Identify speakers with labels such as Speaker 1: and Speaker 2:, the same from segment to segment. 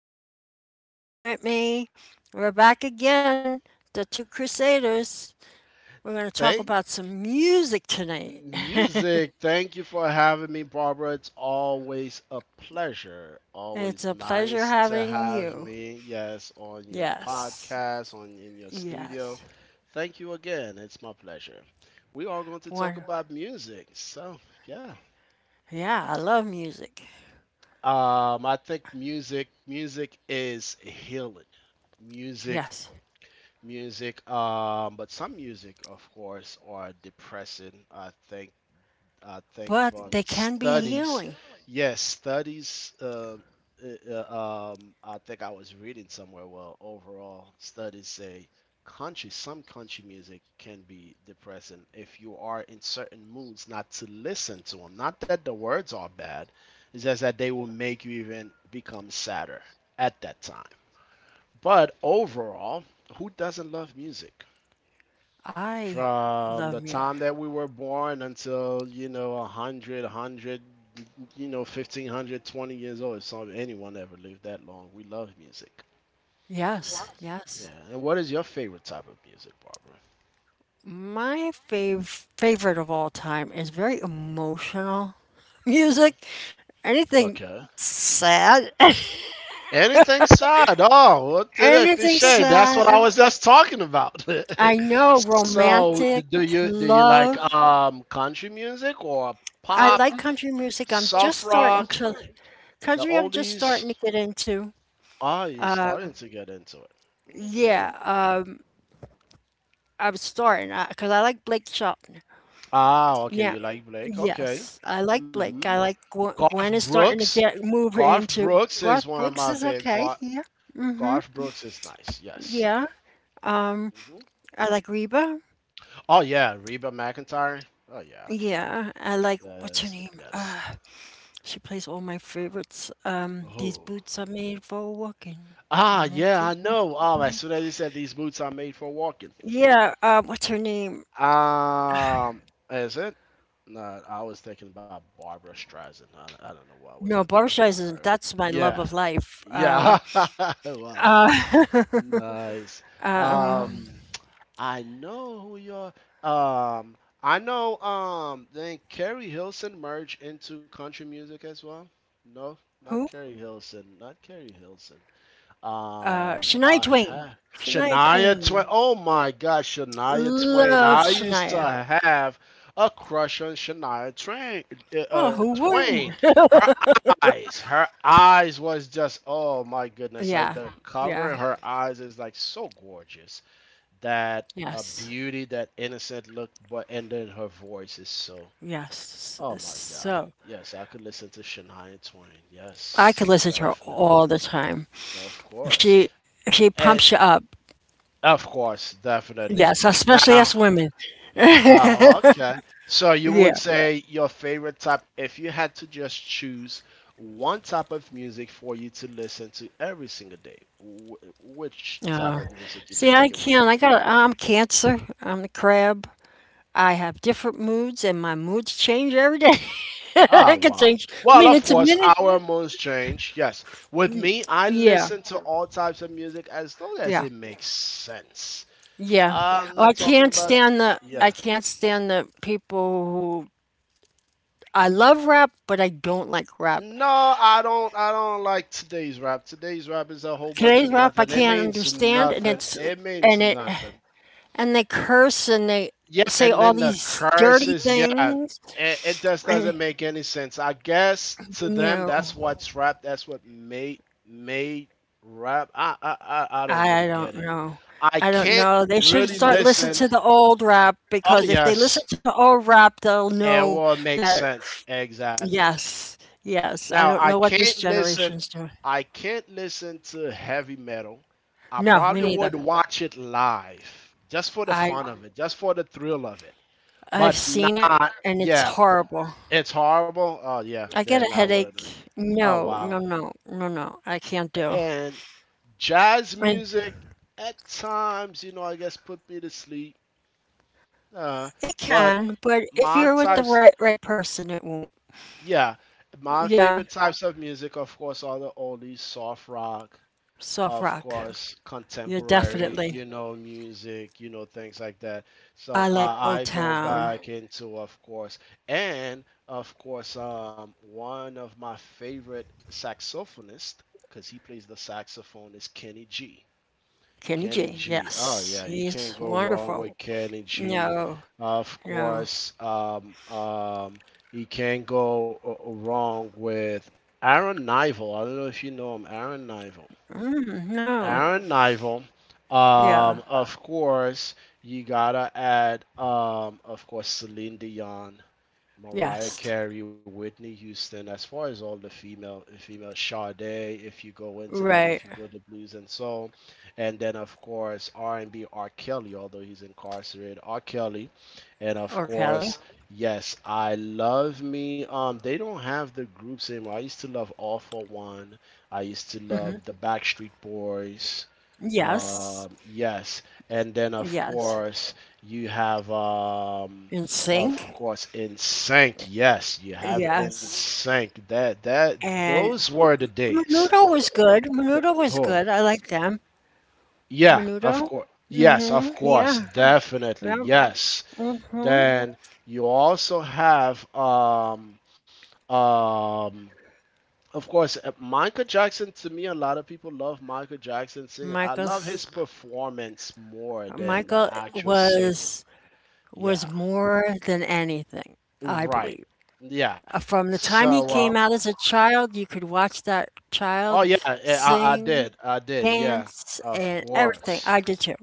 Speaker 1: And I have Ronson with me. We're back again, the two Crusaders. We're going to talk
Speaker 2: Thank
Speaker 1: about some music tonight.
Speaker 2: music. Thank you for having me, Barbara. It's always a pleasure.
Speaker 1: It's
Speaker 2: Always
Speaker 1: a pleasure
Speaker 2: nice to
Speaker 1: having
Speaker 2: have
Speaker 1: you.
Speaker 2: me. Yes, on your
Speaker 1: Yes,
Speaker 2: podcast, on in your studio.
Speaker 1: yes.
Speaker 2: Thank you again. It's my pleasure. We are going to talk
Speaker 1: One,
Speaker 2: about music. So yeah,
Speaker 1: yeah, I love music.
Speaker 2: I think music is healing. Music,
Speaker 1: Yes.
Speaker 2: music. But some music, of course, are depressing. I think
Speaker 1: But they
Speaker 2: from
Speaker 1: can be
Speaker 2: studies.
Speaker 1: healing.
Speaker 2: Yes, studies. I think I was reading somewhere. Well, overall, studies say country, some country music can be depressing if you are in certain moods not to listen to them. Not that the words are bad, it's just that they will make you even become sadder at that time. But overall, who doesn't love music?
Speaker 1: I
Speaker 2: From the
Speaker 1: love music.
Speaker 2: time that we were born until 100, 100, 1500, 20 years old, if some anyone ever lived that long, we love music.
Speaker 1: Yes,
Speaker 2: Yeah,
Speaker 1: yes.
Speaker 2: and what is your favorite type of music, Barbara?
Speaker 1: My favorite of all time is very emotional
Speaker 2: Hmm.
Speaker 1: music. Anything
Speaker 2: Okay,
Speaker 1: sad,
Speaker 2: anything sad. Oh, what the
Speaker 1: anything
Speaker 2: cliche, that's what I
Speaker 1: sad.
Speaker 2: was just talking about.
Speaker 1: I know
Speaker 2: So
Speaker 1: romantic,
Speaker 2: do you like
Speaker 1: love.
Speaker 2: country music? Or
Speaker 1: I
Speaker 2: pop,
Speaker 1: like country music. I'm
Speaker 2: soft
Speaker 1: just
Speaker 2: rock,
Speaker 1: starting to
Speaker 2: the
Speaker 1: country. I'm just
Speaker 2: oldies?
Speaker 1: starting to get into.
Speaker 2: Ah, you're starting to get into it. Okay.
Speaker 1: Yeah, I'm starting because I like Blake Shelton.
Speaker 2: Ah, okay.
Speaker 1: Yeah,
Speaker 2: You like Blake. Okay.
Speaker 1: yes, I like
Speaker 2: Hmm.
Speaker 1: Blake. I like Gwen,
Speaker 2: Garth
Speaker 1: Gwen is starting to
Speaker 2: Brooks.
Speaker 1: get move
Speaker 2: Garth
Speaker 1: into.
Speaker 2: Brooks is
Speaker 1: Garth
Speaker 2: one of
Speaker 1: Brooks
Speaker 2: my
Speaker 1: is
Speaker 2: favorite.
Speaker 1: okay here.
Speaker 2: Garth Brooks is nice. Yes.
Speaker 1: Yeah, Um,
Speaker 2: Hmm.
Speaker 1: I like Reba.
Speaker 2: Oh yeah, Reba McIntyre. Oh yeah.
Speaker 1: Yeah, I like what's her
Speaker 2: Yes.
Speaker 1: name?
Speaker 2: Yes.
Speaker 1: She plays all my favorites. These
Speaker 2: Oh.
Speaker 1: boots are made for walking.
Speaker 2: Ah,
Speaker 1: And this
Speaker 2: yeah. I
Speaker 1: is what
Speaker 2: know.
Speaker 1: you
Speaker 2: As
Speaker 1: do.
Speaker 2: soon as you said these boots are made for walking.
Speaker 1: Yeah, what's her name?
Speaker 2: Um, is it? No, I was thinking about Barbara Streisand. I don't know why was I
Speaker 1: No, Barbra
Speaker 2: thinking about
Speaker 1: Streisand.
Speaker 2: her.
Speaker 1: That's my love
Speaker 2: Yeah,
Speaker 1: of life.
Speaker 2: yeah. Wow,
Speaker 1: Uh,
Speaker 2: nice. Um, I know who you're. Um, I know. Then Carrie Hilson merged into country music as well. No, not
Speaker 1: who?
Speaker 2: Carrie Hilson. Not Carrie Hilson.
Speaker 1: Shania
Speaker 2: I
Speaker 1: Twain.
Speaker 2: have
Speaker 1: Shania
Speaker 2: Shania Twain.
Speaker 1: Twain.
Speaker 2: Oh my God, Shania Twain.
Speaker 1: Love
Speaker 2: I used to
Speaker 1: Shania.
Speaker 2: have a crush on Shania Twain. uh,
Speaker 1: Oh,
Speaker 2: uh,
Speaker 1: who
Speaker 2: Twain.
Speaker 1: wouldn't?
Speaker 2: Her her eyes was just oh my goodness. Like
Speaker 1: Yeah,
Speaker 2: the cover in
Speaker 1: yeah,
Speaker 2: her eyes is like so gorgeous. That
Speaker 1: yes,
Speaker 2: beauty, that innocent look, but and then her voice is so.
Speaker 1: yes.
Speaker 2: Oh my God.
Speaker 1: So
Speaker 2: Yes, I could listen to Shania Twain.
Speaker 1: I
Speaker 2: Yes,
Speaker 1: could listen to her
Speaker 2: definitely.
Speaker 1: all the time.
Speaker 2: Of course.
Speaker 1: She she
Speaker 2: And
Speaker 1: pumps you up.
Speaker 2: Of course, definitely.
Speaker 1: Yes, especially
Speaker 2: Now,
Speaker 1: us women.
Speaker 2: oh, okay. So you would
Speaker 1: Yeah.
Speaker 2: say your favorite type, if you had to just choose one type of music for you to listen to every single day, which type
Speaker 1: Uh,
Speaker 2: of music you
Speaker 1: See,
Speaker 2: think
Speaker 1: I
Speaker 2: it would be?
Speaker 1: can't. I got. I'm Cancer. I'm the crab. I have different moods, and my moods change every day.
Speaker 2: Ah,
Speaker 1: I can
Speaker 2: wow.
Speaker 1: change
Speaker 2: Well, of
Speaker 1: minute to
Speaker 2: course,
Speaker 1: minute.
Speaker 2: our moods change. Yes. With me, I
Speaker 1: Yeah,
Speaker 2: listen to all types of music as long as
Speaker 1: yeah,
Speaker 2: it makes sense.
Speaker 1: yeah.
Speaker 2: I'm
Speaker 1: Oh, I
Speaker 2: not talking
Speaker 1: can't
Speaker 2: about.
Speaker 1: stand the. I
Speaker 2: Yeah.
Speaker 1: can't stand the people who. I love rap, but I don't like rap.
Speaker 2: No, I don't. I don't like today's rap. Today's rap is a whole bunch of
Speaker 1: Today's rap I
Speaker 2: nothing. It
Speaker 1: can't
Speaker 2: means
Speaker 1: understand, and
Speaker 2: nothing.
Speaker 1: it's
Speaker 2: It
Speaker 1: and
Speaker 2: means
Speaker 1: it
Speaker 2: nothing.
Speaker 1: and they curse and they
Speaker 2: Yeah,
Speaker 1: say
Speaker 2: and
Speaker 1: all
Speaker 2: then the
Speaker 1: these dirty
Speaker 2: curses. Yeah,
Speaker 1: things.
Speaker 2: it just
Speaker 1: And
Speaker 2: doesn't make any sense. I guess to them,
Speaker 1: no,
Speaker 2: that's what's rap. That's what made rap. I don't
Speaker 1: I
Speaker 2: really
Speaker 1: don't
Speaker 2: get it.
Speaker 1: know.
Speaker 2: I
Speaker 1: I don't
Speaker 2: can't
Speaker 1: know. They should
Speaker 2: really
Speaker 1: start listening
Speaker 2: listen.
Speaker 1: to the old rap
Speaker 2: Oh
Speaker 1: because if they listen
Speaker 2: yes,
Speaker 1: to the old rap, they'll
Speaker 2: it
Speaker 1: know
Speaker 2: will make
Speaker 1: that
Speaker 2: sense exactly.
Speaker 1: yes, yes. I
Speaker 2: Now
Speaker 1: don't
Speaker 2: I
Speaker 1: know what this
Speaker 2: can't listen.
Speaker 1: generation's doing.
Speaker 2: I can't listen to heavy metal. I
Speaker 1: No, me
Speaker 2: probably
Speaker 1: neither.
Speaker 2: would watch it live just for the
Speaker 1: I
Speaker 2: fun of it, just for the thrill of it.
Speaker 1: I've
Speaker 2: But
Speaker 1: seen it
Speaker 2: not,
Speaker 1: and it's
Speaker 2: yeah,
Speaker 1: horrible.
Speaker 2: it's horrible. Oh yeah,
Speaker 1: I get
Speaker 2: then
Speaker 1: a
Speaker 2: I would
Speaker 1: headache.
Speaker 2: have. Oh
Speaker 1: No, no,
Speaker 2: wow.
Speaker 1: no, no, no. I can't do.
Speaker 2: And jazz
Speaker 1: And
Speaker 2: music at times, I guess put me to sleep. Uh,
Speaker 1: it
Speaker 2: but
Speaker 1: can, but if
Speaker 2: my
Speaker 1: you're with the
Speaker 2: types,
Speaker 1: right person, it won't.
Speaker 2: yeah, my
Speaker 1: Yeah,
Speaker 2: favorite types of music, of course, are the oldies, soft rock.
Speaker 1: soft
Speaker 2: Of
Speaker 1: rock.
Speaker 2: course,
Speaker 1: Yeah,
Speaker 2: contemporary,
Speaker 1: definitely.
Speaker 2: you know, music, things like that.
Speaker 1: I
Speaker 2: So
Speaker 1: like
Speaker 2: uh, I go
Speaker 1: Motown.
Speaker 2: back into, of course, and of course, one of my favorite saxophonists, because he plays the saxophone, is Kenny G.
Speaker 1: Kenny
Speaker 2: Kenny
Speaker 1: G,
Speaker 2: G. Oh
Speaker 1: yes,
Speaker 2: yeah, you
Speaker 1: he's
Speaker 2: can't go wrong
Speaker 1: wonderful.
Speaker 2: with Kenny G.
Speaker 1: No,
Speaker 2: Of
Speaker 1: no,
Speaker 2: course, you can't go wrong with Aaron Nival. I don't know if you know him, Aaron Nival.
Speaker 1: mm, no.
Speaker 2: Aaron Nival.
Speaker 1: Yeah,
Speaker 2: Of course, you gotta add, of course, Celine Dion. Mariah
Speaker 1: yes,
Speaker 2: Carey, Whitney Houston, as far as all the female Sade, if you go into that, if
Speaker 1: right.
Speaker 2: you go to blues and soul, and then of course R&B R. Kelly, although he's incarcerated, R. Kelly, and of
Speaker 1: Or Kelly.
Speaker 2: course yes, I love me. They don't have the groups anymore. I used to love All for One. I used to love
Speaker 1: Hmm.
Speaker 2: the Backstreet Boys.
Speaker 1: Yes,
Speaker 2: Yes, and then of
Speaker 1: yes.
Speaker 2: course you have
Speaker 1: In
Speaker 2: of
Speaker 1: sync.
Speaker 2: course in sync. Yes, you have in
Speaker 1: Yes,
Speaker 2: sync. That
Speaker 1: and
Speaker 2: those were the days.
Speaker 1: Menudo was good. Menudo was
Speaker 2: Oh,
Speaker 1: good. I like them.
Speaker 2: yeah, of
Speaker 1: Menudo.
Speaker 2: course. Yes, of
Speaker 1: Mm-hmm.
Speaker 2: course,
Speaker 1: Yeah.
Speaker 2: definitely.
Speaker 1: Yeah.
Speaker 2: Yes.
Speaker 1: Mm-hmm.
Speaker 2: Then you also have um of course, Michael Jackson. To me, a lot of people love Michael Jackson singing. I love
Speaker 1: Michael's
Speaker 2: his performance more than the, wow,
Speaker 1: Michael
Speaker 2: actual singing.
Speaker 1: was was
Speaker 2: Yeah,
Speaker 1: more than anything, I
Speaker 2: right.
Speaker 1: believe.
Speaker 2: Yeah. Full.
Speaker 1: From the time
Speaker 2: So,
Speaker 1: he
Speaker 2: time.
Speaker 1: came out as a child, you could watch that
Speaker 2: Oh,
Speaker 1: child
Speaker 2: yeah, eh, I
Speaker 1: sing,
Speaker 2: did. I did. Yeah,
Speaker 1: dance,
Speaker 2: of
Speaker 1: and everything.
Speaker 2: course.
Speaker 1: I did too.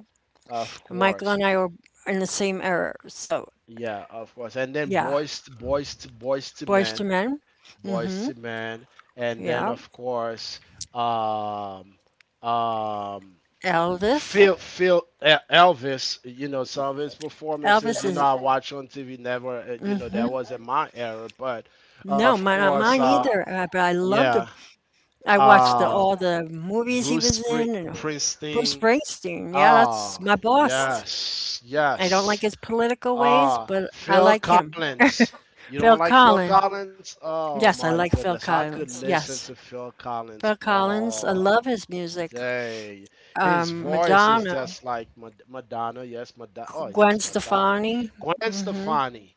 Speaker 2: Of
Speaker 1: Michael
Speaker 2: course.
Speaker 1: and I were in the same era. So,
Speaker 2: Yeah, of course. And then
Speaker 1: yeah.
Speaker 2: Boys to
Speaker 1: Boys to
Speaker 2: Men,
Speaker 1: Men.
Speaker 2: Boys to Men. And then,
Speaker 1: Yeah.
Speaker 2: of course, um, um,
Speaker 1: Elvis.
Speaker 2: Elvis, you know, some of his performances,
Speaker 1: Elvis
Speaker 2: you know,
Speaker 1: is
Speaker 2: I watch on TV, never, you know, that wasn't my era, but
Speaker 1: No,
Speaker 2: of
Speaker 1: mine, not
Speaker 2: course,
Speaker 1: mine either. But I loved
Speaker 2: yeah,
Speaker 1: him. I watched
Speaker 2: um,
Speaker 1: all the movies he
Speaker 2: Bruce
Speaker 1: was in and Bruce
Speaker 2: Springsteen,
Speaker 1: Springsteen. Yeah, that's
Speaker 2: ah,
Speaker 1: my boss.
Speaker 2: yes,
Speaker 1: I don't
Speaker 2: yes,
Speaker 1: like his political ways,
Speaker 2: ah,
Speaker 1: but I
Speaker 2: Phil
Speaker 1: like him.
Speaker 2: Collins. You don't
Speaker 1: Phil
Speaker 2: like Phil
Speaker 1: Collins.
Speaker 2: Collins? Oh
Speaker 1: Yes,
Speaker 2: my
Speaker 1: I like
Speaker 2: goodness,
Speaker 1: Phil
Speaker 2: I could
Speaker 1: Collins.
Speaker 2: listen to
Speaker 1: Yes.
Speaker 2: Phil Collins
Speaker 1: Phil Collins. I
Speaker 2: all
Speaker 1: love his music.
Speaker 2: Say, his voice is
Speaker 1: Madonna,
Speaker 2: just like Madonna. Yes, Madonna. Oh,
Speaker 1: Gwen
Speaker 2: yes, Madonna.
Speaker 1: Stefani.
Speaker 2: Gwen Stefani.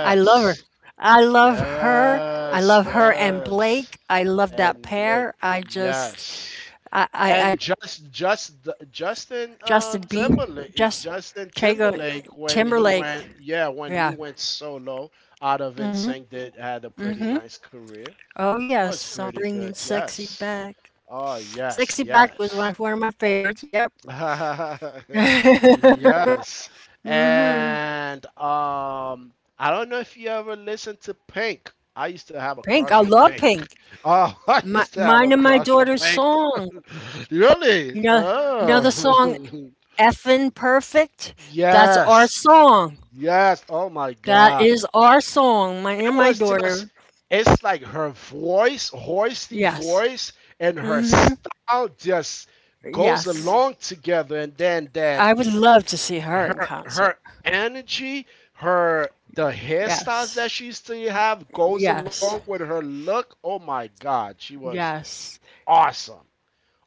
Speaker 1: I love her. I love her. I
Speaker 2: yes,
Speaker 1: love her and
Speaker 2: yes.
Speaker 1: Blake. I love that
Speaker 2: And Blake.
Speaker 1: pair. I just,
Speaker 2: Yes.
Speaker 1: I
Speaker 2: And Justin
Speaker 1: Justin Bieber,
Speaker 2: Timberlake.
Speaker 1: just
Speaker 2: Justin
Speaker 1: Chago
Speaker 2: Timberlake when he
Speaker 1: Timberlake.
Speaker 2: went, yeah, when he
Speaker 1: Yeah.
Speaker 2: went solo out of NSYNC, did had a pretty nice career.
Speaker 1: Oh
Speaker 2: Was
Speaker 1: yes, I'm
Speaker 2: pretty good.
Speaker 1: bringing sexy
Speaker 2: Yes.
Speaker 1: back.
Speaker 2: Oh, yes,
Speaker 1: Sexy back was one
Speaker 2: yes.
Speaker 1: of, one of my favorites. Yep.
Speaker 2: Yes. And I don't know if you ever listened to Pink. I used to have a
Speaker 1: Pink, I
Speaker 2: crush on
Speaker 1: love
Speaker 2: Pink.
Speaker 1: Pink.
Speaker 2: Oh, I used to have a
Speaker 1: Mine and my
Speaker 2: crush on
Speaker 1: daughter's
Speaker 2: Pink.
Speaker 1: song.
Speaker 2: Really?
Speaker 1: You know, you know the song
Speaker 2: Oh.
Speaker 1: "Effin' Perfect." That's our
Speaker 2: Yes.
Speaker 1: song.
Speaker 2: Yes. Oh my
Speaker 1: That
Speaker 2: God.
Speaker 1: is our song. Mine
Speaker 2: It
Speaker 1: and my
Speaker 2: was just
Speaker 1: daughter.
Speaker 2: it's like her voice, hoisty
Speaker 1: Yes.
Speaker 2: voice, and her
Speaker 1: Hmm.
Speaker 2: style just goes
Speaker 1: Yes.
Speaker 2: along together and then that
Speaker 1: I would love to see her in
Speaker 2: her
Speaker 1: concert.
Speaker 2: her energy, her the hairstyles
Speaker 1: Yes.
Speaker 2: that she used to have goes along
Speaker 1: Yes.
Speaker 2: with her look. Oh my God, she was
Speaker 1: Yes.
Speaker 2: awesome.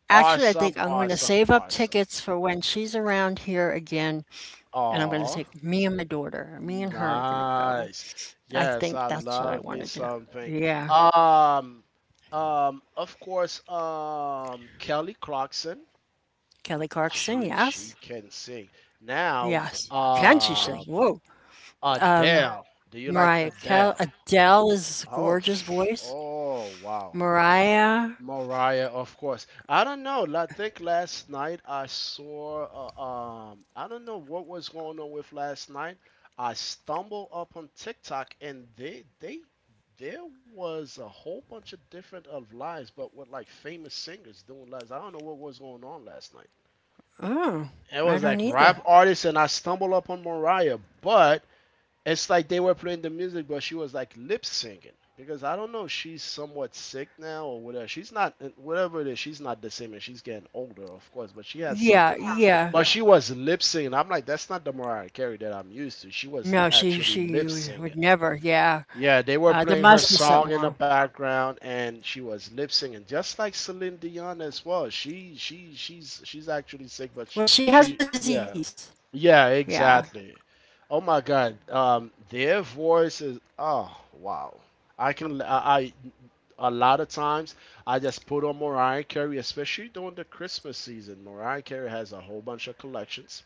Speaker 1: Actually, I
Speaker 2: Awesome,
Speaker 1: think I'm going to
Speaker 2: awesome,
Speaker 1: save up
Speaker 2: awesome.
Speaker 1: tickets for when she's around here again, and I'm going to
Speaker 2: Oh,
Speaker 1: take me and my daughter. Me and her are going to go.
Speaker 2: nice.
Speaker 1: I
Speaker 2: Yes,
Speaker 1: think
Speaker 2: I
Speaker 1: that's what I
Speaker 2: love
Speaker 1: want
Speaker 2: me
Speaker 1: to do.
Speaker 2: something.
Speaker 1: Yeah.
Speaker 2: Um of course, Kelly Clarkson.
Speaker 1: Kelly Clarkson,
Speaker 2: She
Speaker 1: yes.
Speaker 2: can sing. Now
Speaker 1: Yes. Can she sing? Whoa.
Speaker 2: Adele. Do you like
Speaker 1: Mariah Kel
Speaker 2: Adele?
Speaker 1: Adele is a
Speaker 2: Oh,
Speaker 1: gorgeous voice.
Speaker 2: oh, wow.
Speaker 1: Mariah,
Speaker 2: Mariah, of course. I don't know. I think last night I saw, I don't know what was going on with last night. I stumbled up on TikTok and there was a whole bunch of different of lives, but with like famous singers doing lives. I don't know what was going on last night.
Speaker 1: oh,
Speaker 2: It
Speaker 1: I
Speaker 2: was like
Speaker 1: don't
Speaker 2: rap
Speaker 1: either.
Speaker 2: artists and I stumbled up on Mariah, but it's like they were playing the music, but she was like lip singing because I don't know. She's somewhat sick now or whatever. She's not whatever it is. She's not the same, and she's getting older, of course. But she has
Speaker 1: Yeah,
Speaker 2: something wrong.
Speaker 1: yeah.
Speaker 2: But she was lip singing. I'm like, that's not the Mariah Carey that I'm used to. She was
Speaker 1: No, she
Speaker 2: actually
Speaker 1: she
Speaker 2: lip
Speaker 1: would
Speaker 2: singing.
Speaker 1: never. Yeah.
Speaker 2: Yeah, they were
Speaker 1: There
Speaker 2: playing her
Speaker 1: must be something
Speaker 2: song in the
Speaker 1: wrong.
Speaker 2: background, and she was lip singing, just like Celine Dion as well. She's actually sick, but she,
Speaker 1: Well, she has
Speaker 2: she
Speaker 1: a
Speaker 2: yeah,
Speaker 1: disease.
Speaker 2: yeah,
Speaker 1: Yeah.
Speaker 2: exactly. Oh my God, their voice is oh wow. I can I A lot of times I just put on Mariah Carey, especially during the Christmas season. Mariah Carey has a whole bunch of collections,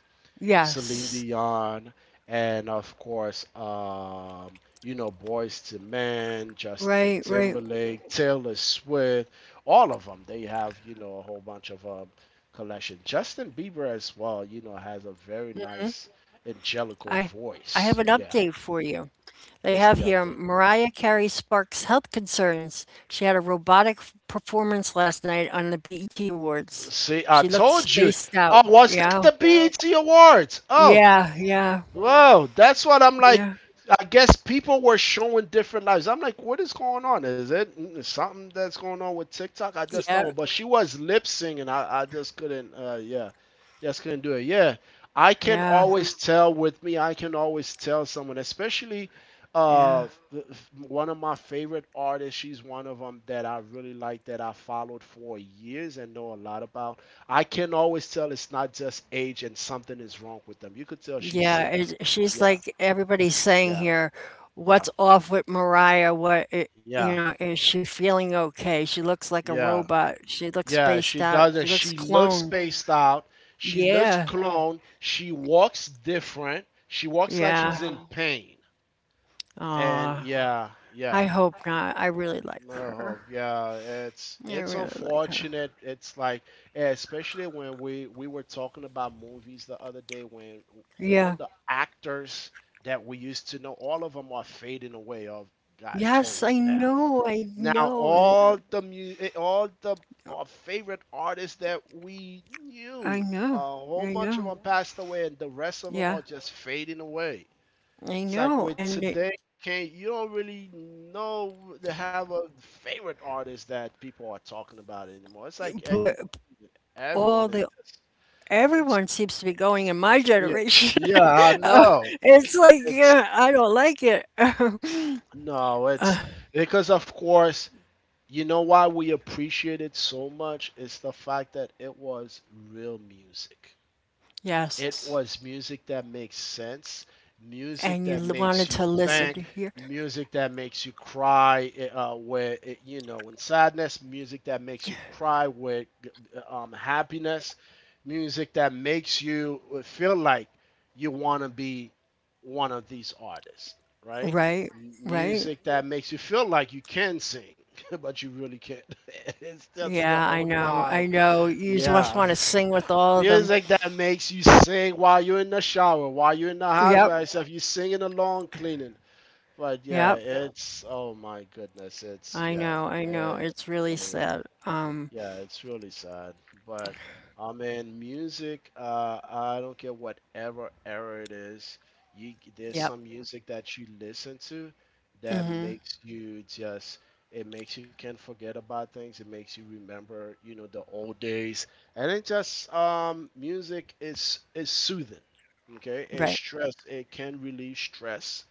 Speaker 2: Celine
Speaker 1: Yes.
Speaker 2: Dion, and of course, Boys to Men, Justin
Speaker 1: Right, right.
Speaker 2: Timberlake, Taylor Swift, all of them. They have a whole bunch of collection. Justin Bieber as well, has a very nice angelical
Speaker 1: I I
Speaker 2: voice.
Speaker 1: have an
Speaker 2: Yeah.
Speaker 1: update for you. They
Speaker 2: What's
Speaker 1: have
Speaker 2: the
Speaker 1: here
Speaker 2: update?
Speaker 1: Mariah Carey sparks health concerns. She had a robotic performance last night on the BET Awards.
Speaker 2: See, I
Speaker 1: She looked
Speaker 2: told you.
Speaker 1: spaced out.
Speaker 2: Oh, was that
Speaker 1: Yeah.
Speaker 2: the BET Awards? Oh,
Speaker 1: Yeah, yeah,
Speaker 2: well, that's what I'm like.
Speaker 1: yeah.
Speaker 2: I guess people were showing different lives. I'm like, what is going on? Is it something that's going on with TikTok? I just don't.
Speaker 1: Yeah,
Speaker 2: know. But she was lip singing. I just couldn't. Yeah, just couldn't do it. Yeah, I can
Speaker 1: yeah,
Speaker 2: always tell with me. I can always tell someone, especially
Speaker 1: yeah.
Speaker 2: uh, th- one of my favorite artists. She's one of them that I really like that I followed for years and know a lot about. I can always tell it's not just age and something is wrong with them. You could tell she's
Speaker 1: Yeah,
Speaker 2: sick.
Speaker 1: she's
Speaker 2: Yeah,
Speaker 1: like everybody's saying
Speaker 2: yeah,
Speaker 1: here,
Speaker 2: yeah,
Speaker 1: what's off with Mariah? What it, you
Speaker 2: yeah,
Speaker 1: know, Is she feeling okay? She looks like a
Speaker 2: yeah,
Speaker 1: robot. She looks
Speaker 2: yeah.
Speaker 1: spaced
Speaker 2: She
Speaker 1: out. She
Speaker 2: doesn't.
Speaker 1: looks
Speaker 2: She looks
Speaker 1: cloned.
Speaker 2: spaced out. She looks, yeah,
Speaker 1: Yeah.
Speaker 2: cloned. She walks different. She walks like
Speaker 1: Yeah.
Speaker 2: she's in, yeah, pain. And
Speaker 1: Aw.
Speaker 2: yeah, yeah.
Speaker 1: I hope not. I really like
Speaker 2: No,
Speaker 1: her.
Speaker 2: yeah, it's
Speaker 1: I
Speaker 2: it's
Speaker 1: really like her.
Speaker 2: unfortunate. It's like, especially when we were talking about movies the other day when
Speaker 1: Yeah.
Speaker 2: all the actors that we used to know, all of them are fading away of gotten
Speaker 1: Yes,
Speaker 2: old
Speaker 1: I
Speaker 2: now.
Speaker 1: know. I
Speaker 2: Now
Speaker 1: know.
Speaker 2: all the our favorite artists that we
Speaker 1: I
Speaker 2: knew, a
Speaker 1: know.
Speaker 2: whole
Speaker 1: I
Speaker 2: bunch of
Speaker 1: know.
Speaker 2: them passed away, and the rest of them
Speaker 1: Yeah.
Speaker 2: are just fading away.
Speaker 1: I
Speaker 2: It's like
Speaker 1: know.
Speaker 2: with today, can't you don't really know to have a favorite artist that people are talking about anymore. It's like
Speaker 1: But all
Speaker 2: everyone is
Speaker 1: the,
Speaker 2: just it's
Speaker 1: everyone seems to be going in my
Speaker 2: yeah,
Speaker 1: generation.
Speaker 2: yeah, I know,
Speaker 1: It's like,
Speaker 2: it's
Speaker 1: yeah, I don't like it.
Speaker 2: no it's because of course. You know why we appreciate it so much? It's the fact that it was real music. It
Speaker 1: Yes.
Speaker 2: was music that makes sense,
Speaker 1: And you
Speaker 2: music that
Speaker 1: wanted
Speaker 2: makes
Speaker 1: to
Speaker 2: you
Speaker 1: listen to
Speaker 2: think,
Speaker 1: hear,
Speaker 2: music that makes you cry with you know, in sadness, music that makes you cry with happiness, music that makes you feel like you want to be one of these artists, right?
Speaker 1: right? Right?
Speaker 2: Music that makes you feel like you can sing, but you really can't. It's just in your
Speaker 1: Yeah, I
Speaker 2: own
Speaker 1: know.
Speaker 2: mind.
Speaker 1: I know. You just
Speaker 2: Yeah.
Speaker 1: want to sing with all of them.
Speaker 2: Music that makes you sing while you're in the shower, while you're in the house
Speaker 1: Yep.
Speaker 2: by yourself, you're singing along cleaning. But yeah.
Speaker 1: Yep.
Speaker 2: Yeah. It's, oh my goodness, it's
Speaker 1: I
Speaker 2: yeah,
Speaker 1: know, I know.
Speaker 2: it's
Speaker 1: It's really sad.
Speaker 2: yeah, it's really sad. But I mean, music, I don't care whatever era it is, you there's
Speaker 1: Yep,
Speaker 2: some music that you listen to that makes you just it makes you can't forget about things. It makes you remember, you know, the old days. And it just music is soothing. Okay?
Speaker 1: right.
Speaker 2: It can relieve stress,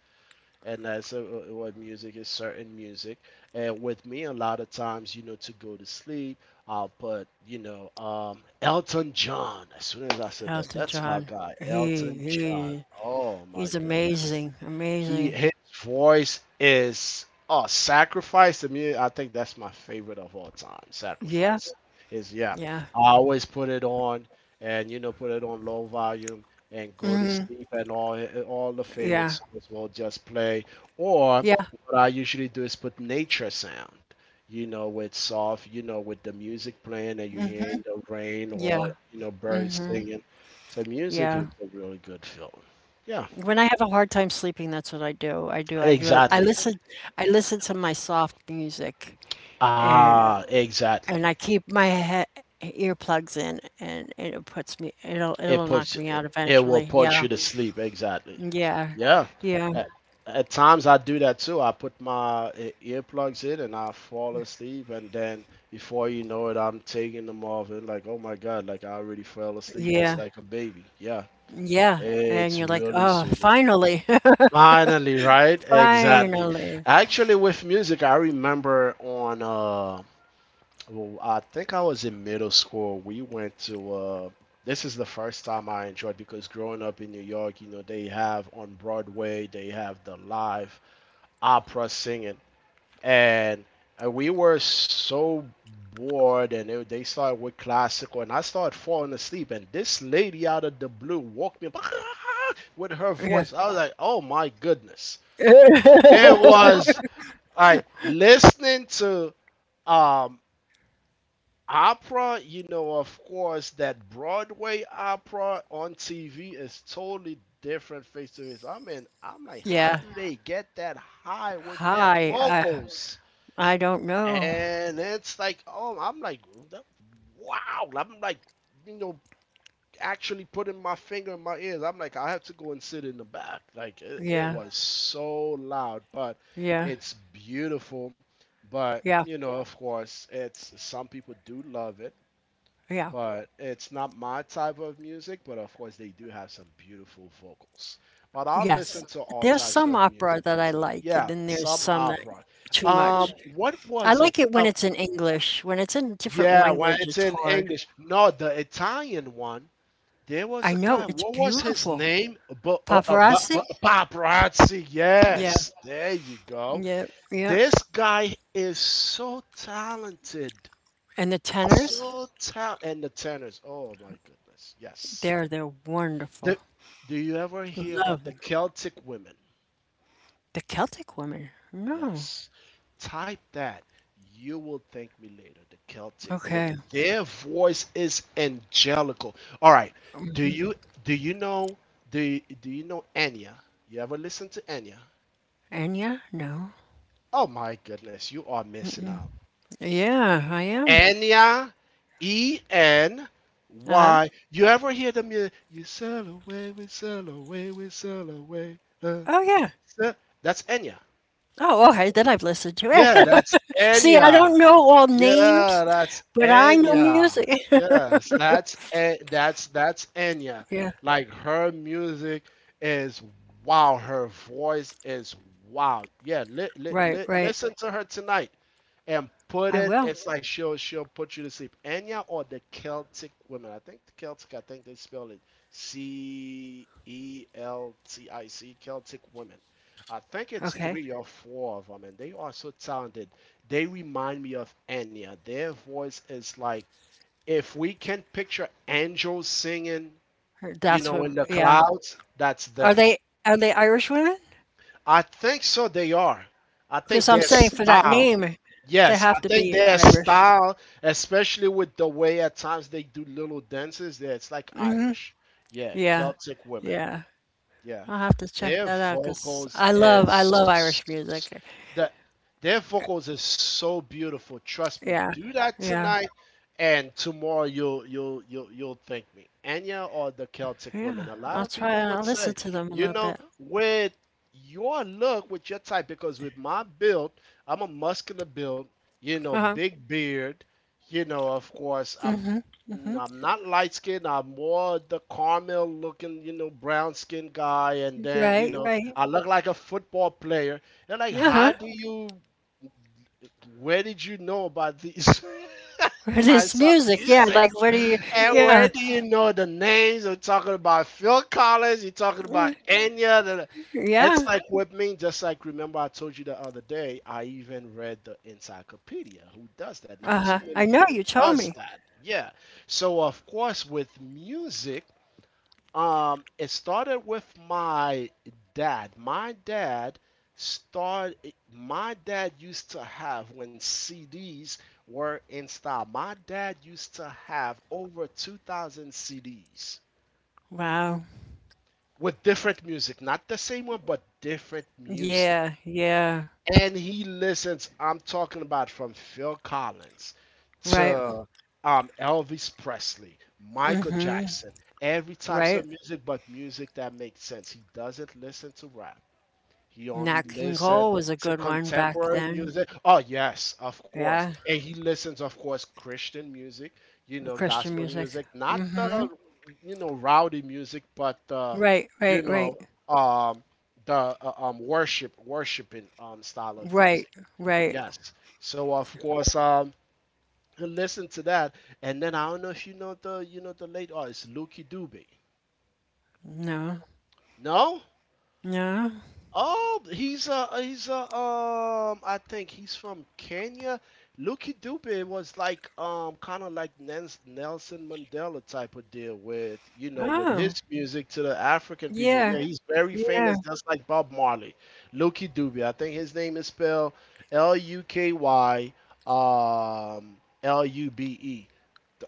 Speaker 2: and that's what music is, certain music. And with me, a lot of times, you know, to go to sleep, I'll put, you know, Elton John. As soon as I said that,
Speaker 1: Elton
Speaker 2: that's my
Speaker 1: John.
Speaker 2: guy,
Speaker 1: He
Speaker 2: Elton John.
Speaker 1: he
Speaker 2: Oh my
Speaker 1: he's
Speaker 2: goodness,
Speaker 1: amazing,
Speaker 2: he
Speaker 1: amazing.
Speaker 2: his voice is, oh, Sacrifice, to me. I think that's my favorite of all time.
Speaker 1: Yeah,
Speaker 2: Sacrifice is, yeah.
Speaker 1: yeah,
Speaker 2: I always put it on, and, you know, put it on low volume and go to sleep, and all the favorite
Speaker 1: yeah,
Speaker 2: songs will just play. Or
Speaker 1: yeah,
Speaker 2: what I usually do is put nature sound. You know, with soft, you know, with the music playing and you hearing the rain or,
Speaker 1: yeah,
Speaker 2: you know, birds singing. So music is
Speaker 1: yeah.
Speaker 2: a really good film. Yeah.
Speaker 1: When I have a hard time sleeping, that's what I do. I do, I do. I
Speaker 2: Exactly.
Speaker 1: listen, I listen to my soft music, and
Speaker 2: Ah, exactly.
Speaker 1: I keep my head earplugs in, and it puts me. It'll
Speaker 2: It
Speaker 1: it'll knock
Speaker 2: puts
Speaker 1: me out
Speaker 2: it will
Speaker 1: eventually.
Speaker 2: put
Speaker 1: Yeah,
Speaker 2: you to sleep. Exactly.
Speaker 1: yeah,
Speaker 2: Yeah.
Speaker 1: yeah,
Speaker 2: At, at times I do that too. I put my earplugs in and I fall asleep, and then before you know it, I'm taking them off and like, oh my God, like I already fell asleep just
Speaker 1: yeah.
Speaker 2: like a baby. Yeah.
Speaker 1: Yeah, and
Speaker 2: It's
Speaker 1: you're like,
Speaker 2: really
Speaker 1: "Oh,
Speaker 2: soothing.
Speaker 1: finally,
Speaker 2: Finally, right? Exactly.
Speaker 1: finally."
Speaker 2: Actually, with music, I remember on Well, I think I was in middle school. We went to this is the first time I enjoyed, because growing up in New York, you know, they have on Broadway, they have the live opera singing. And we were so bored, and they started with classical, and I started falling asleep, and this lady out of the blue woke me up with her
Speaker 1: Yeah.
Speaker 2: voice. I was like, "Oh my goodness." It was like listening to um opera, you know. Of course, that Broadway opera on TV is totally different face to face. I mean, I'm like, how
Speaker 1: Yeah.
Speaker 2: do they get that high with their
Speaker 1: "Hi, I
Speaker 2: vocals?
Speaker 1: I don't know."
Speaker 2: And it's like, oh, I'm like, wow, I'm like, you know, actually putting my finger in my ears. I'm like, I have to go and sit in the back. Like, it
Speaker 1: Yeah,
Speaker 2: was so loud, but
Speaker 1: yeah,
Speaker 2: it's beautiful. But
Speaker 1: yeah,
Speaker 2: you know, of course, it's some people do love it,
Speaker 1: yeah.
Speaker 2: but it's not my type of music. But of course, they do have some beautiful vocals. But I'll
Speaker 1: Yes.
Speaker 2: listen to all
Speaker 1: There's
Speaker 2: types
Speaker 1: some
Speaker 2: of
Speaker 1: opera
Speaker 2: music
Speaker 1: that I
Speaker 2: as well.
Speaker 1: like, and
Speaker 2: Yeah,
Speaker 1: then there's
Speaker 2: some
Speaker 1: some that
Speaker 2: opera.
Speaker 1: too much.
Speaker 2: What
Speaker 1: I
Speaker 2: was
Speaker 1: like
Speaker 2: it?
Speaker 1: it when
Speaker 2: Oh,
Speaker 1: it's in English. When it's in a different
Speaker 2: yeah, when
Speaker 1: language,
Speaker 2: it's
Speaker 1: it's
Speaker 2: in
Speaker 1: hard.
Speaker 2: English. No, the Italian one. There was
Speaker 1: I
Speaker 2: a
Speaker 1: know,
Speaker 2: guy.
Speaker 1: it's
Speaker 2: What was his
Speaker 1: beautiful.
Speaker 2: name?
Speaker 1: Pavarotti?
Speaker 2: Paparazzi.
Speaker 1: Yeah,
Speaker 2: Yes, there you go.
Speaker 1: yeah, yeah,
Speaker 2: This guy is so talented.
Speaker 1: and the tenors,
Speaker 2: So talented. And the tenors. Oh, my goodness. Yes.
Speaker 1: they're
Speaker 2: Do,
Speaker 1: wonderful.
Speaker 2: do you ever hear
Speaker 1: Love
Speaker 2: about the
Speaker 1: them.
Speaker 2: Celtic women?
Speaker 1: The Celtic woman? No.
Speaker 2: Yes. Type that. You will thank me later. The Celtic
Speaker 1: Okay.
Speaker 2: women. Their voice is angelical. All right. Do you do you know do you know Enya? You ever listen to Enya?
Speaker 1: Enya? No.
Speaker 2: Oh my goodness, you are missing out.
Speaker 1: Yeah, I am.
Speaker 2: Enya, E N
Speaker 1: Uh-huh.
Speaker 2: Y. You ever hear them? You sail away, we sail away, we sail away.
Speaker 1: Oh, yeah.
Speaker 2: Sail. That's Enya.
Speaker 1: Oh, okay, then I've listened to
Speaker 2: Yeah,
Speaker 1: it.
Speaker 2: that's
Speaker 1: See, I don't
Speaker 2: Enya.
Speaker 1: know all
Speaker 2: Yeah,
Speaker 1: names,
Speaker 2: that's
Speaker 1: but I know
Speaker 2: Enya.
Speaker 1: music.
Speaker 2: Yes, that's En- that's that's Enya.
Speaker 1: Yeah.
Speaker 2: Like her music is wow. Her voice is wow. Yeah,
Speaker 1: Right, right.
Speaker 2: listen to her tonight and put
Speaker 1: I
Speaker 2: it.
Speaker 1: will.
Speaker 2: It's like she'll put you to sleep. Enya or the Celtic women. I think the Celtic. I think they spell it Celtic. Celtic women. I think it's
Speaker 1: Okay.
Speaker 2: three or four of them, and they are so talented, they remind me of Enya. Their voice is like, if we can picture angels singing, you
Speaker 1: That's
Speaker 2: know,
Speaker 1: what
Speaker 2: in the
Speaker 1: yeah.
Speaker 2: clouds, that's
Speaker 1: Are
Speaker 2: them.
Speaker 1: they are they Irish women?
Speaker 2: I think so they are. I
Speaker 1: Because
Speaker 2: think
Speaker 1: I'm
Speaker 2: their
Speaker 1: saying for that
Speaker 2: style
Speaker 1: name, they
Speaker 2: Yes, I
Speaker 1: have to
Speaker 2: think
Speaker 1: be
Speaker 2: their
Speaker 1: Irish.
Speaker 2: style, especially with the way at times they do little dances, there it's like Irish. Yeah,
Speaker 1: Yeah.
Speaker 2: Celtic women.
Speaker 1: Yeah.
Speaker 2: Yeah,
Speaker 1: I'll have to check
Speaker 2: their
Speaker 1: that out because
Speaker 2: vocals
Speaker 1: I love Irish
Speaker 2: is
Speaker 1: music.
Speaker 2: that their vocals is so beautiful. Trust me.
Speaker 1: Yeah.
Speaker 2: Do that
Speaker 1: Yeah.
Speaker 2: tonight, and tomorrow you'll thank me. Enya or the Celtic
Speaker 1: Yeah,
Speaker 2: women. A lot
Speaker 1: I'll
Speaker 2: of
Speaker 1: try
Speaker 2: people
Speaker 1: and I'll
Speaker 2: would
Speaker 1: listen
Speaker 2: say,
Speaker 1: to them a
Speaker 2: you
Speaker 1: little bit.
Speaker 2: know, with your look, with your type, because with my build, I'm a muscular build. You know,
Speaker 1: Uh-huh.
Speaker 2: big beard. You know, of course, I'm not light skinned. I'm more the caramel looking, you know, brown skinned guy. And then, you
Speaker 1: Right,
Speaker 2: know,
Speaker 1: right.
Speaker 2: I look like a football player. They're like,
Speaker 1: Uh-huh.
Speaker 2: where did you know about these
Speaker 1: This
Speaker 2: types of
Speaker 1: music, yeah,
Speaker 2: music?
Speaker 1: like what do you
Speaker 2: And
Speaker 1: yeah.
Speaker 2: where do you know the names? We're talking about Phil Collins. You're talking
Speaker 1: Mm,
Speaker 2: about Enya.
Speaker 1: yeah.
Speaker 2: It's like with me, just like, remember I told you the other day, I even read the encyclopedia. Who does that? Not too
Speaker 1: Uh-huh.
Speaker 2: many
Speaker 1: I know
Speaker 2: people
Speaker 1: you told
Speaker 2: does
Speaker 1: me.
Speaker 2: that. Yeah. So of course with music, it started with my dad. My dad start my dad used to have, when CDs were in style, my dad used to have over 2,000 CDs
Speaker 1: Wow.
Speaker 2: with different music, not the same one but different music.
Speaker 1: Yeah, yeah.
Speaker 2: And he listens. I'm talking about from Phil Collins
Speaker 1: Right,
Speaker 2: to Elvis Presley, Michael Jackson, every types
Speaker 1: right.
Speaker 2: of music, but music that makes sense. He doesn't listen to rap. He only
Speaker 1: Nat King Cole
Speaker 2: listened
Speaker 1: was a
Speaker 2: to
Speaker 1: good one back
Speaker 2: contemporary
Speaker 1: then.
Speaker 2: music. Oh yes, of course.
Speaker 1: Yeah.
Speaker 2: And he listens, of course, Christian music, you know,
Speaker 1: Christian
Speaker 2: gospel
Speaker 1: music.
Speaker 2: music, not
Speaker 1: Mm-hmm.
Speaker 2: the you know rowdy music, but
Speaker 1: Right, right,
Speaker 2: you
Speaker 1: right.
Speaker 2: know, um, the worshiping style of
Speaker 1: Right,
Speaker 2: music.
Speaker 1: right.
Speaker 2: Yes. So of course, he listened to that, and then I don't know if you know the you know the late artist Lucky Dube.
Speaker 1: No.
Speaker 2: No?
Speaker 1: No.
Speaker 2: Oh, he's a I think he's from Kenya. Lucky Dube was like kind of like Nelson Mandela type of deal with, you know, with his
Speaker 1: Oh.
Speaker 2: music to the African people. Yeah,
Speaker 1: Yeah.
Speaker 2: he's very
Speaker 1: Yeah.
Speaker 2: famous, just like Bob Marley. Lucky Dube. I think his name is spelled Luky um Lube.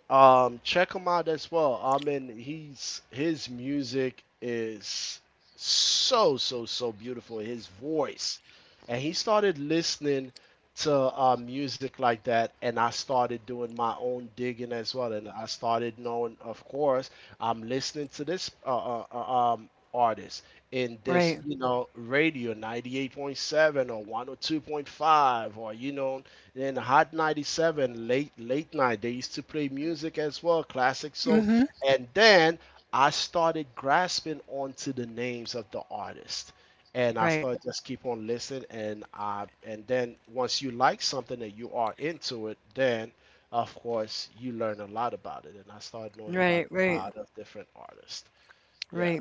Speaker 2: Check him out as well. I mean, he's his music is so, so, so beautiful. His voice, and he started listening to music like that, and I started doing my own digging as well, and I started knowing, of course, I'm listening to this artist in this,
Speaker 1: Right.
Speaker 2: you know, radio 98.7 or 102.5 or you know then Hot 97, late late night, they used to play music as well, classic souls.
Speaker 1: Mm-hmm.
Speaker 2: And then I started grasping onto the names of the artist. And I
Speaker 1: Right.
Speaker 2: started just keep on listening, and I and then once you like something and you are into it, then of course you learn a lot about it. And I started knowing about
Speaker 1: Right,
Speaker 2: a
Speaker 1: right.
Speaker 2: lot of different artists. Yeah,
Speaker 1: Right.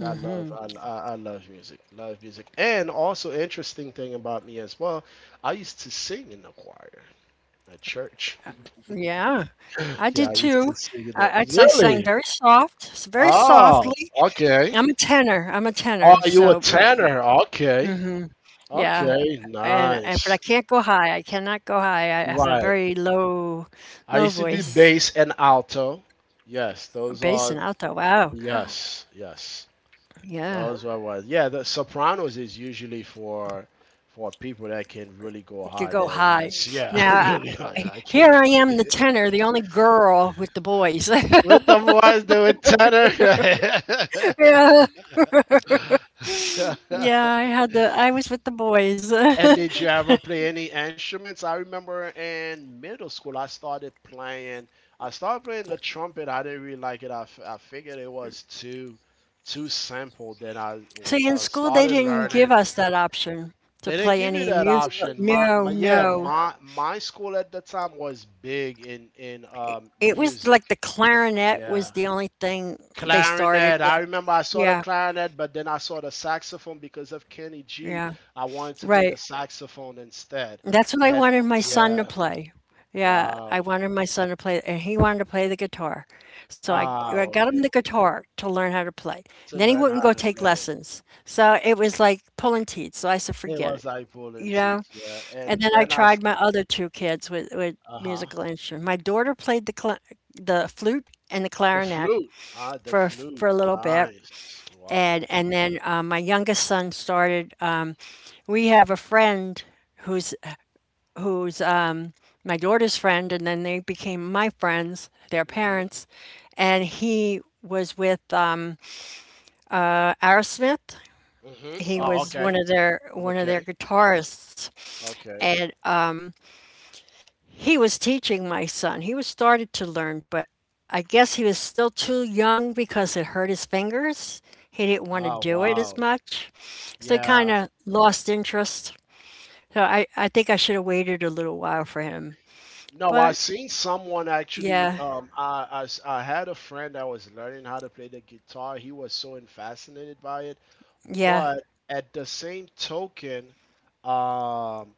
Speaker 2: I love I love music, love music. And also, interesting thing about me as well, I used to sing in the choir. At church.
Speaker 1: Yeah. I
Speaker 2: Yeah,
Speaker 1: did
Speaker 2: I used to
Speaker 1: too.
Speaker 2: sing in the.
Speaker 1: I sang
Speaker 2: Really?
Speaker 1: very very
Speaker 2: Oh,
Speaker 1: softly.
Speaker 2: okay.
Speaker 1: I'm a tenor. I'm a
Speaker 2: Oh,
Speaker 1: tenor.
Speaker 2: you a
Speaker 1: So,
Speaker 2: tenor. Okay.
Speaker 1: yeah.
Speaker 2: Okay,
Speaker 1: And but I
Speaker 2: nice.
Speaker 1: can't go high. I cannot go high. I have a
Speaker 2: Right.
Speaker 1: very low,
Speaker 2: I
Speaker 1: low
Speaker 2: used to do
Speaker 1: voice,
Speaker 2: bass and alto. Yes, those
Speaker 1: bass
Speaker 2: are.
Speaker 1: and alto. Wow.
Speaker 2: Yes, yes.
Speaker 1: Yeah.
Speaker 2: Those were what. Yeah, the sopranos is usually for people that can really go
Speaker 1: I could
Speaker 2: hard.
Speaker 1: go
Speaker 2: That
Speaker 1: high.
Speaker 2: has yeah,
Speaker 1: Now,
Speaker 2: really. I
Speaker 1: here
Speaker 2: can't.
Speaker 1: I am, the tenor, the only girl with the boys.
Speaker 2: With the boys doing tenor.
Speaker 1: yeah. Yeah. I was with the boys.
Speaker 2: And did you ever play any instruments? I remember in middle school, I started playing. I started playing the trumpet. I didn't really like it. I figured it was too too simple. Then I
Speaker 1: See, in school, they
Speaker 2: started
Speaker 1: didn't give
Speaker 2: learning.
Speaker 1: us that option to
Speaker 2: They didn't
Speaker 1: play
Speaker 2: give you
Speaker 1: any
Speaker 2: that
Speaker 1: musical.
Speaker 2: option. My,
Speaker 1: No,
Speaker 2: my yeah,
Speaker 1: no.
Speaker 2: my school at the time was big in
Speaker 1: It it was
Speaker 2: music.
Speaker 1: like the clarinet was
Speaker 2: Yeah.
Speaker 1: the only thing they started
Speaker 2: Clarinet. I
Speaker 1: with.
Speaker 2: remember I saw the
Speaker 1: Yeah,
Speaker 2: clarinet, but then I saw the saxophone because of Kenny G.
Speaker 1: yeah,
Speaker 2: I wanted to play the
Speaker 1: right.
Speaker 2: saxophone instead.
Speaker 1: That's what I
Speaker 2: And
Speaker 1: wanted my son to
Speaker 2: yeah,
Speaker 1: play. Yeah, I
Speaker 2: wow.
Speaker 1: wanted my son to play, and he wanted to play the guitar. So I,
Speaker 2: Ah,
Speaker 1: I got him the
Speaker 2: okay.
Speaker 1: guitar to learn how to play.
Speaker 2: To
Speaker 1: Then he
Speaker 2: learn
Speaker 1: wouldn't
Speaker 2: how
Speaker 1: go
Speaker 2: to
Speaker 1: take
Speaker 2: play.
Speaker 1: lessons. So it was like pulling teeth. So I said,
Speaker 2: It
Speaker 1: forget
Speaker 2: was
Speaker 1: it,
Speaker 2: eye pulling
Speaker 1: you know?
Speaker 2: teeth, yeah.
Speaker 1: And then
Speaker 2: And
Speaker 1: I
Speaker 2: then I,
Speaker 1: tried my other two kids with
Speaker 2: uh huh.
Speaker 1: musical instruments. My daughter played the cla the flute and the
Speaker 2: The
Speaker 1: clarinet
Speaker 2: flute. Ah, the
Speaker 1: for
Speaker 2: flute.
Speaker 1: for a little bit,
Speaker 2: Nice. Wow.
Speaker 1: and then my youngest son started. We have a friend who's who's my daughter's friend, and then they became my friends, their
Speaker 2: Mm-hmm.
Speaker 1: parents, and he was with Aerosmith.
Speaker 2: Mm-hmm.
Speaker 1: He
Speaker 2: Oh,
Speaker 1: was
Speaker 2: okay.
Speaker 1: one of their
Speaker 2: Okay.
Speaker 1: guitarists,
Speaker 2: Okay.
Speaker 1: and he was teaching my son. He was started to learn, but I guess he was still too young because it hurt his fingers. He didn't want to
Speaker 2: Ah,
Speaker 1: do it
Speaker 2: wow.
Speaker 1: as much. So he kind
Speaker 2: Yeah.
Speaker 1: of lost interest. So I think I should have waited a little while for him.
Speaker 2: No, I
Speaker 1: But
Speaker 2: seen someone actually.
Speaker 1: yeah,
Speaker 2: I had a friend that was learning how to play the guitar. He was so fascinated by it.
Speaker 1: yeah,
Speaker 2: But at the same token, um,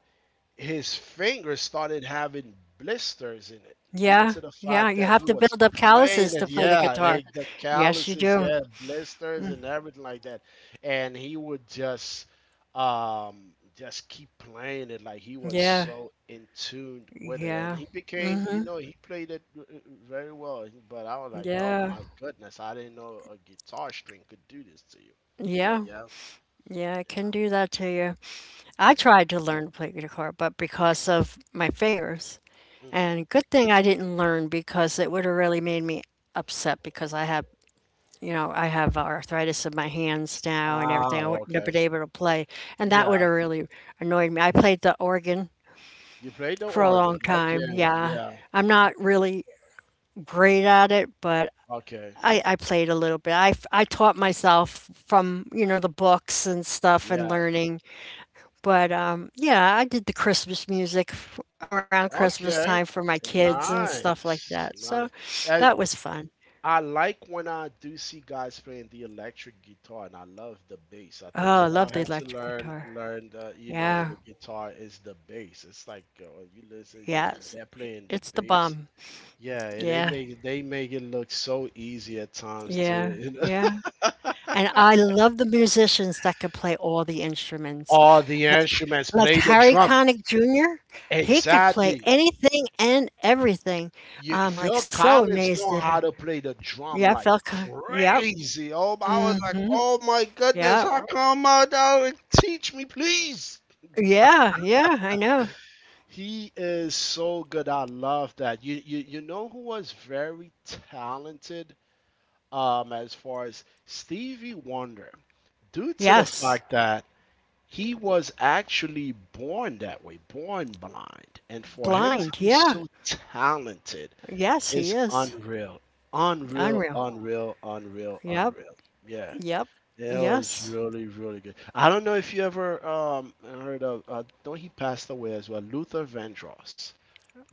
Speaker 2: his fingers started having blisters in it due
Speaker 1: yeah,
Speaker 2: to the
Speaker 1: yeah.
Speaker 2: fact
Speaker 1: You
Speaker 2: that
Speaker 1: have
Speaker 2: he
Speaker 1: to
Speaker 2: was
Speaker 1: build up
Speaker 2: playing
Speaker 1: calluses
Speaker 2: it.
Speaker 1: to play the
Speaker 2: Yeah,
Speaker 1: guitar.
Speaker 2: the
Speaker 1: Yes, you
Speaker 2: calluses,
Speaker 1: do.
Speaker 2: yeah, blisters and everything like that. And he would just keep playing it like he was
Speaker 1: Yeah,
Speaker 2: so in tune with it, and
Speaker 1: yeah,
Speaker 2: he became, you know, he played it very well. But I was like, oh
Speaker 1: yeah,
Speaker 2: my goodness, I didn't know a guitar string could do this to you. But
Speaker 1: yeah,
Speaker 2: yeah,
Speaker 1: yeah. I can do that to you. I
Speaker 2: yeah,
Speaker 1: tried to learn to play guitar, but because of my fingers.
Speaker 2: hmm,
Speaker 1: And good thing I didn't learn because it would have really made me upset because I have arthritis in my hands now and everything.
Speaker 2: ah,
Speaker 1: I wouldn't have been
Speaker 2: okay,
Speaker 1: able to play. And that
Speaker 2: yeah.
Speaker 1: would have really annoyed me. I played the organ
Speaker 2: You played the
Speaker 1: for a long
Speaker 2: organ.
Speaker 1: time.
Speaker 2: Okay.
Speaker 1: Yeah.
Speaker 2: Yeah.
Speaker 1: I'm not really great at it, but
Speaker 2: Okay.
Speaker 1: I played a little bit. I taught myself from, the books and stuff and
Speaker 2: Yeah.
Speaker 1: learning. But yeah, I did the Christmas music around Christmas
Speaker 2: Okay.
Speaker 1: time for my kids and stuff like
Speaker 2: Nice.
Speaker 1: that. So
Speaker 2: Nice. And
Speaker 1: that was fun.
Speaker 2: I like when I do see guys playing the electric guitar, and I love the bass. I think
Speaker 1: Oh, I
Speaker 2: if I
Speaker 1: love the
Speaker 2: had to
Speaker 1: electric
Speaker 2: learn,
Speaker 1: guitar.
Speaker 2: learn the, you know,
Speaker 1: Yeah,
Speaker 2: the guitar is the bass. It's like when you listen,
Speaker 1: yes,
Speaker 2: they're playing the
Speaker 1: it's the
Speaker 2: bass.
Speaker 1: bomb.
Speaker 2: Yeah,
Speaker 1: Yeah,
Speaker 2: they make it look so easy at times to,
Speaker 1: yeah,
Speaker 2: you know,
Speaker 1: yeah. And I love the musicians that could play all the instruments.
Speaker 2: all the
Speaker 1: Like
Speaker 2: instruments
Speaker 1: like
Speaker 2: play the
Speaker 1: Harry
Speaker 2: drum.
Speaker 1: Connick Jr., he could play
Speaker 2: Exactly.
Speaker 1: anything and everything.
Speaker 2: You,
Speaker 1: I'm like
Speaker 2: Phil
Speaker 1: so
Speaker 2: Collins know
Speaker 1: amazed at
Speaker 2: how
Speaker 1: her.
Speaker 2: to play the drum
Speaker 1: Yeah,
Speaker 2: like
Speaker 1: Yep,
Speaker 2: crazy. Oh, I was like, oh my goodness,
Speaker 1: yep.
Speaker 2: how come I don't teach me, please?
Speaker 1: Yeah, yeah, I know.
Speaker 2: He is so good. I love that. You know who was very talented, as far as Stevie Wonder, due to the
Speaker 1: Yes.
Speaker 2: fact that he was actually born that way, born blind, and for him to
Speaker 1: Blind.
Speaker 2: be
Speaker 1: Yeah.
Speaker 2: so talented.
Speaker 1: Yes,
Speaker 2: It's
Speaker 1: he is.
Speaker 2: unreal. Unreal,
Speaker 1: Unreal.
Speaker 2: unreal, unreal,
Speaker 1: Yep.
Speaker 2: unreal. Yeah.
Speaker 1: Yep.
Speaker 2: It was
Speaker 1: Yes.
Speaker 2: really, really good. I don't know if you ever heard of don't he passed away as well, Luther Vandross.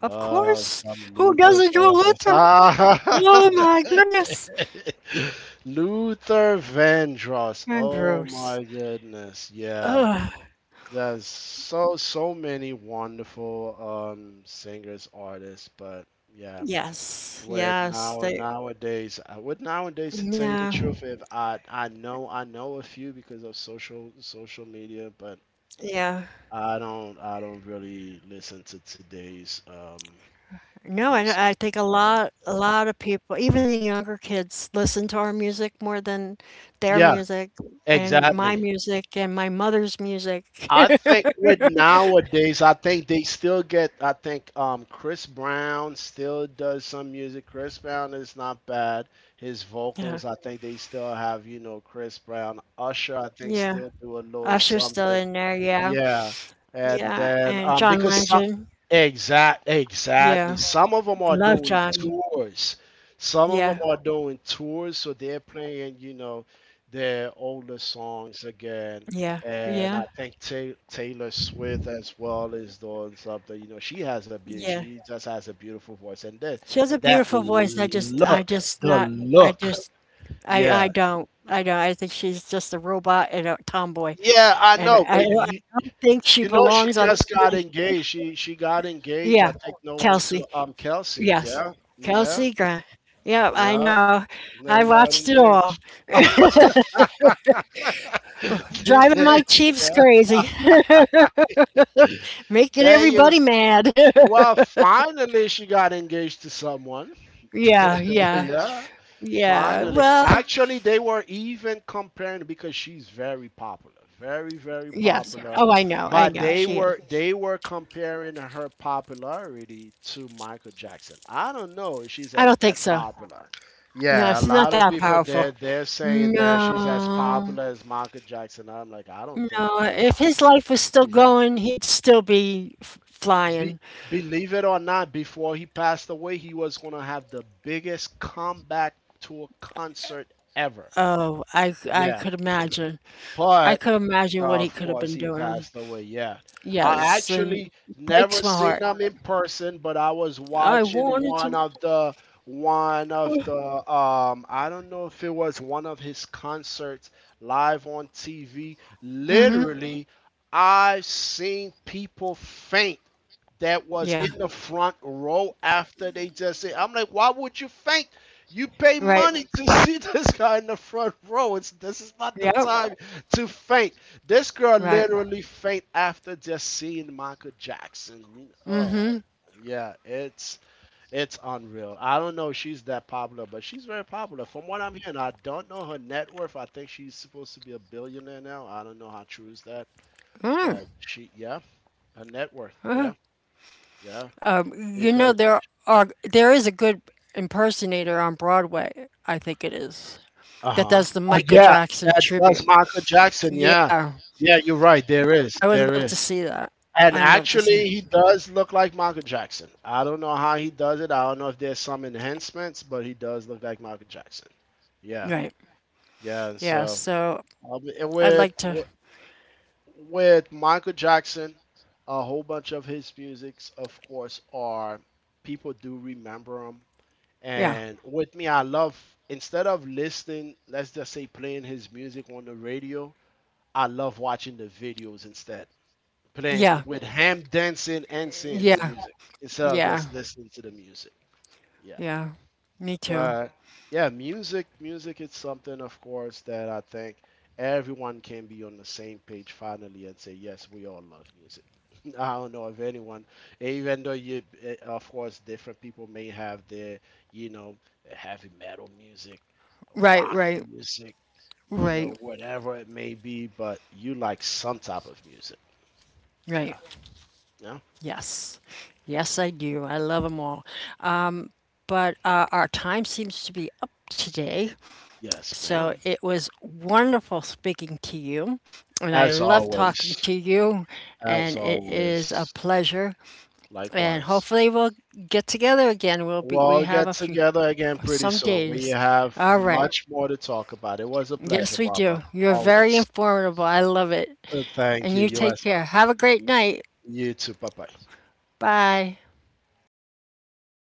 Speaker 1: Of course.
Speaker 2: some
Speaker 1: Who
Speaker 2: Luther
Speaker 1: doesn't know
Speaker 2: Vandross.
Speaker 1: Luther?
Speaker 2: Ah.
Speaker 1: Oh my goodness.
Speaker 2: Luther Vandross. Oh
Speaker 1: Andrews.
Speaker 2: my goodness. Yeah.
Speaker 1: Ugh.
Speaker 2: There's so many wonderful singers, artists, but yeah.
Speaker 1: Yes.
Speaker 2: With
Speaker 1: Yes. They.
Speaker 2: nowadays, I would nowadays to tell you the
Speaker 1: Yeah.
Speaker 2: truth, if I I know a few because of social media, but
Speaker 1: Yeah.
Speaker 2: I don't really listen to today's
Speaker 1: No,
Speaker 2: music.
Speaker 1: I think a
Speaker 2: Yeah.
Speaker 1: lot, a
Speaker 2: so-
Speaker 1: lot of people, even the younger kids, listen to our music more than their
Speaker 2: Yeah, exactly.
Speaker 1: music and my mother's music.
Speaker 2: I think with nowadays, I think they still get. I think Chris Brown still does some music. Chris Brown is not bad. His vocals,
Speaker 1: Yeah.
Speaker 2: I think they still have. You know, Chris Brown, Usher, I think
Speaker 1: Yeah.
Speaker 2: still do a little
Speaker 1: Usher's still
Speaker 2: something.
Speaker 1: in there, yeah.
Speaker 2: Yeah, and
Speaker 1: Yeah,
Speaker 2: then
Speaker 1: and John Legend.
Speaker 2: exactly
Speaker 1: Yeah.
Speaker 2: some of them
Speaker 1: I
Speaker 2: are
Speaker 1: love
Speaker 2: doing
Speaker 1: Johnny.
Speaker 2: tours, some of them
Speaker 1: Yeah.
Speaker 2: are doing tours, so they're playing, you know, their older songs again,
Speaker 1: Yeah.
Speaker 2: and
Speaker 1: Yeah.
Speaker 2: I think Ta Taylor Swift as well is doing something. You know, she has a beauty,
Speaker 1: Yeah.
Speaker 2: she just has a beautiful voice, and then
Speaker 1: She has a
Speaker 2: that
Speaker 1: beautiful voice. I
Speaker 2: look,
Speaker 1: just
Speaker 2: the
Speaker 1: not I
Speaker 2: look,
Speaker 1: just
Speaker 2: yeah,
Speaker 1: I don't I don't I think she's just a robot and a tomboy.
Speaker 2: yeah, I
Speaker 1: And I
Speaker 2: know.
Speaker 1: I
Speaker 2: But
Speaker 1: don't, I don't think she
Speaker 2: You know, she
Speaker 1: belongs on the
Speaker 2: just got
Speaker 1: stage.
Speaker 2: engaged. She got engaged. I
Speaker 1: Yeah.
Speaker 2: think no one to
Speaker 1: Kelsey.
Speaker 2: Kelsey.
Speaker 1: Yes.
Speaker 2: Yeah, yeah,
Speaker 1: Kelsey Grant. Yeah, I
Speaker 2: yeah.
Speaker 1: know. I
Speaker 2: They got
Speaker 1: watched it all.
Speaker 2: engaged. See,
Speaker 1: Driving
Speaker 2: there
Speaker 1: my
Speaker 2: you
Speaker 1: Chiefs
Speaker 2: go.
Speaker 1: crazy. Making
Speaker 2: There you.
Speaker 1: everybody mad.
Speaker 2: Well, finally, she got engaged to someone.
Speaker 1: Yeah, yeah,
Speaker 2: Yeah,
Speaker 1: yeah.
Speaker 2: finally.
Speaker 1: Well,
Speaker 2: Actually, they were even comparing because she's very popular, very
Speaker 1: yes.
Speaker 2: popular.
Speaker 1: Oh, I know, I
Speaker 2: But
Speaker 1: know. She is.
Speaker 2: they were comparing her popularity to Michael Jackson. I don't know if she's
Speaker 1: I
Speaker 2: as
Speaker 1: don't think
Speaker 2: that
Speaker 1: so.
Speaker 2: popular.
Speaker 1: No,
Speaker 2: Yeah, a
Speaker 1: she's not
Speaker 2: lot of
Speaker 1: that
Speaker 2: people
Speaker 1: powerful.
Speaker 2: they're saying that she's as
Speaker 1: No,
Speaker 2: popular as Michael Jackson. I'm like, I don't think
Speaker 1: no.
Speaker 2: nah.
Speaker 1: If his life was still going, he'd still be
Speaker 2: Be,
Speaker 1: flying.
Speaker 2: believe it or not, before he passed away, he was going to have the biggest comeback tour concert ever.
Speaker 1: Oh, I
Speaker 2: Yeah.
Speaker 1: could imagine. I
Speaker 2: But
Speaker 1: could imagine what
Speaker 2: no,
Speaker 1: he
Speaker 2: of
Speaker 1: could have
Speaker 2: course,
Speaker 1: been
Speaker 2: he
Speaker 1: doing.
Speaker 2: passed away. Yeah. I
Speaker 1: Yes, and
Speaker 2: actually
Speaker 1: breaks
Speaker 2: never
Speaker 1: my
Speaker 2: seen
Speaker 1: heart.
Speaker 2: him in person, but I was
Speaker 1: I
Speaker 2: watching
Speaker 1: wanted
Speaker 2: one
Speaker 1: to.
Speaker 2: of the I don't know if it was one of his concerts live on TV.
Speaker 1: Mm-hmm.
Speaker 2: Literally, I've seen people faint that was
Speaker 1: Yeah.
Speaker 2: in the front row after they just said, I'm like, why would you faint? You pay
Speaker 1: Right.
Speaker 2: money to see this guy in the front row. It's this is not the
Speaker 1: Yep.
Speaker 2: time to faint. This girl
Speaker 1: Right.
Speaker 2: literally faint after just seeing Michael Jackson. Oh,
Speaker 1: Mm-hmm.
Speaker 2: yeah, it's unreal. I don't know if she's that popular, but she's very popular. From what I'm hearing, I don't know her net worth. I think she's supposed to be a billionaire now. I don't know how true is that, but she, yeah, her net worth,
Speaker 1: Mm.
Speaker 2: yeah, yeah,
Speaker 1: Um, you know
Speaker 2: because
Speaker 1: there are there is a good impersonator on Broadway. I think it is
Speaker 2: uh
Speaker 1: that
Speaker 2: huh,
Speaker 1: does the
Speaker 2: oh
Speaker 1: Michael
Speaker 2: yeah,
Speaker 1: Jackson
Speaker 2: that does
Speaker 1: tribute.
Speaker 2: Michael Jackson, yeah,
Speaker 1: Yeah,
Speaker 2: yeah, you're right.
Speaker 1: I would
Speaker 2: There
Speaker 1: love
Speaker 2: is.
Speaker 1: to see that.
Speaker 2: And
Speaker 1: I'd love to see.
Speaker 2: actually, he does look like Michael Jackson. I don't know how he does it. I don't know if there's some enhancements, but he does look like Michael Jackson. Yeah,
Speaker 1: Right.
Speaker 2: yeah. And
Speaker 1: Yeah.
Speaker 2: so
Speaker 1: So
Speaker 2: and
Speaker 1: I'd
Speaker 2: with
Speaker 1: like to.
Speaker 2: Michael Jackson, a whole bunch of his musics, of course, are people do remember him.
Speaker 1: Yeah.
Speaker 2: And with me, I love instead of listening, let's just say playing his music on the radio, I love watching the videos instead, playing
Speaker 1: Yeah.
Speaker 2: with him dancing and seeing the
Speaker 1: Yeah.
Speaker 2: music instead of
Speaker 1: Yeah.
Speaker 2: just listening to the music. Yeah.
Speaker 1: Yeah. Me too.
Speaker 2: But yeah, music is something of course that I think everyone can be on the same page finally and say yes, we all love music. I don't know if anyone, even though you, eh, of course, different people may have their, you know, heavy metal music,
Speaker 1: Right.
Speaker 2: rock
Speaker 1: Right.
Speaker 2: music, you know,
Speaker 1: Right.
Speaker 2: whatever it may be, but you like some type of music.
Speaker 1: Right.
Speaker 2: Yeah. Yeah.
Speaker 1: Yes. Yes, I do. I love them all. But our time seems to be up today.
Speaker 2: Yes,
Speaker 1: So
Speaker 2: ma'am.
Speaker 1: it was wonderful speaking to you, and I
Speaker 2: As
Speaker 1: love talking
Speaker 2: always,
Speaker 1: to you,
Speaker 2: as
Speaker 1: and it is a
Speaker 2: always,
Speaker 1: pleasure. And
Speaker 2: likewise.
Speaker 1: hopefully we'll get together again.
Speaker 2: We'll
Speaker 1: We
Speaker 2: all
Speaker 1: have
Speaker 2: get
Speaker 1: a few
Speaker 2: together again pretty
Speaker 1: some
Speaker 2: soon. We
Speaker 1: days.
Speaker 2: have
Speaker 1: All right.
Speaker 2: much more to talk about. It was a
Speaker 1: Yes,
Speaker 2: pleasure,
Speaker 1: we
Speaker 2: Barbara.
Speaker 1: do. You're very
Speaker 2: Always.
Speaker 1: informative. I love it.
Speaker 2: Thank
Speaker 1: And
Speaker 2: you.
Speaker 1: you take
Speaker 2: U.S.R.
Speaker 1: care. Have a great night.
Speaker 2: You too. Bye bye.
Speaker 1: Bye.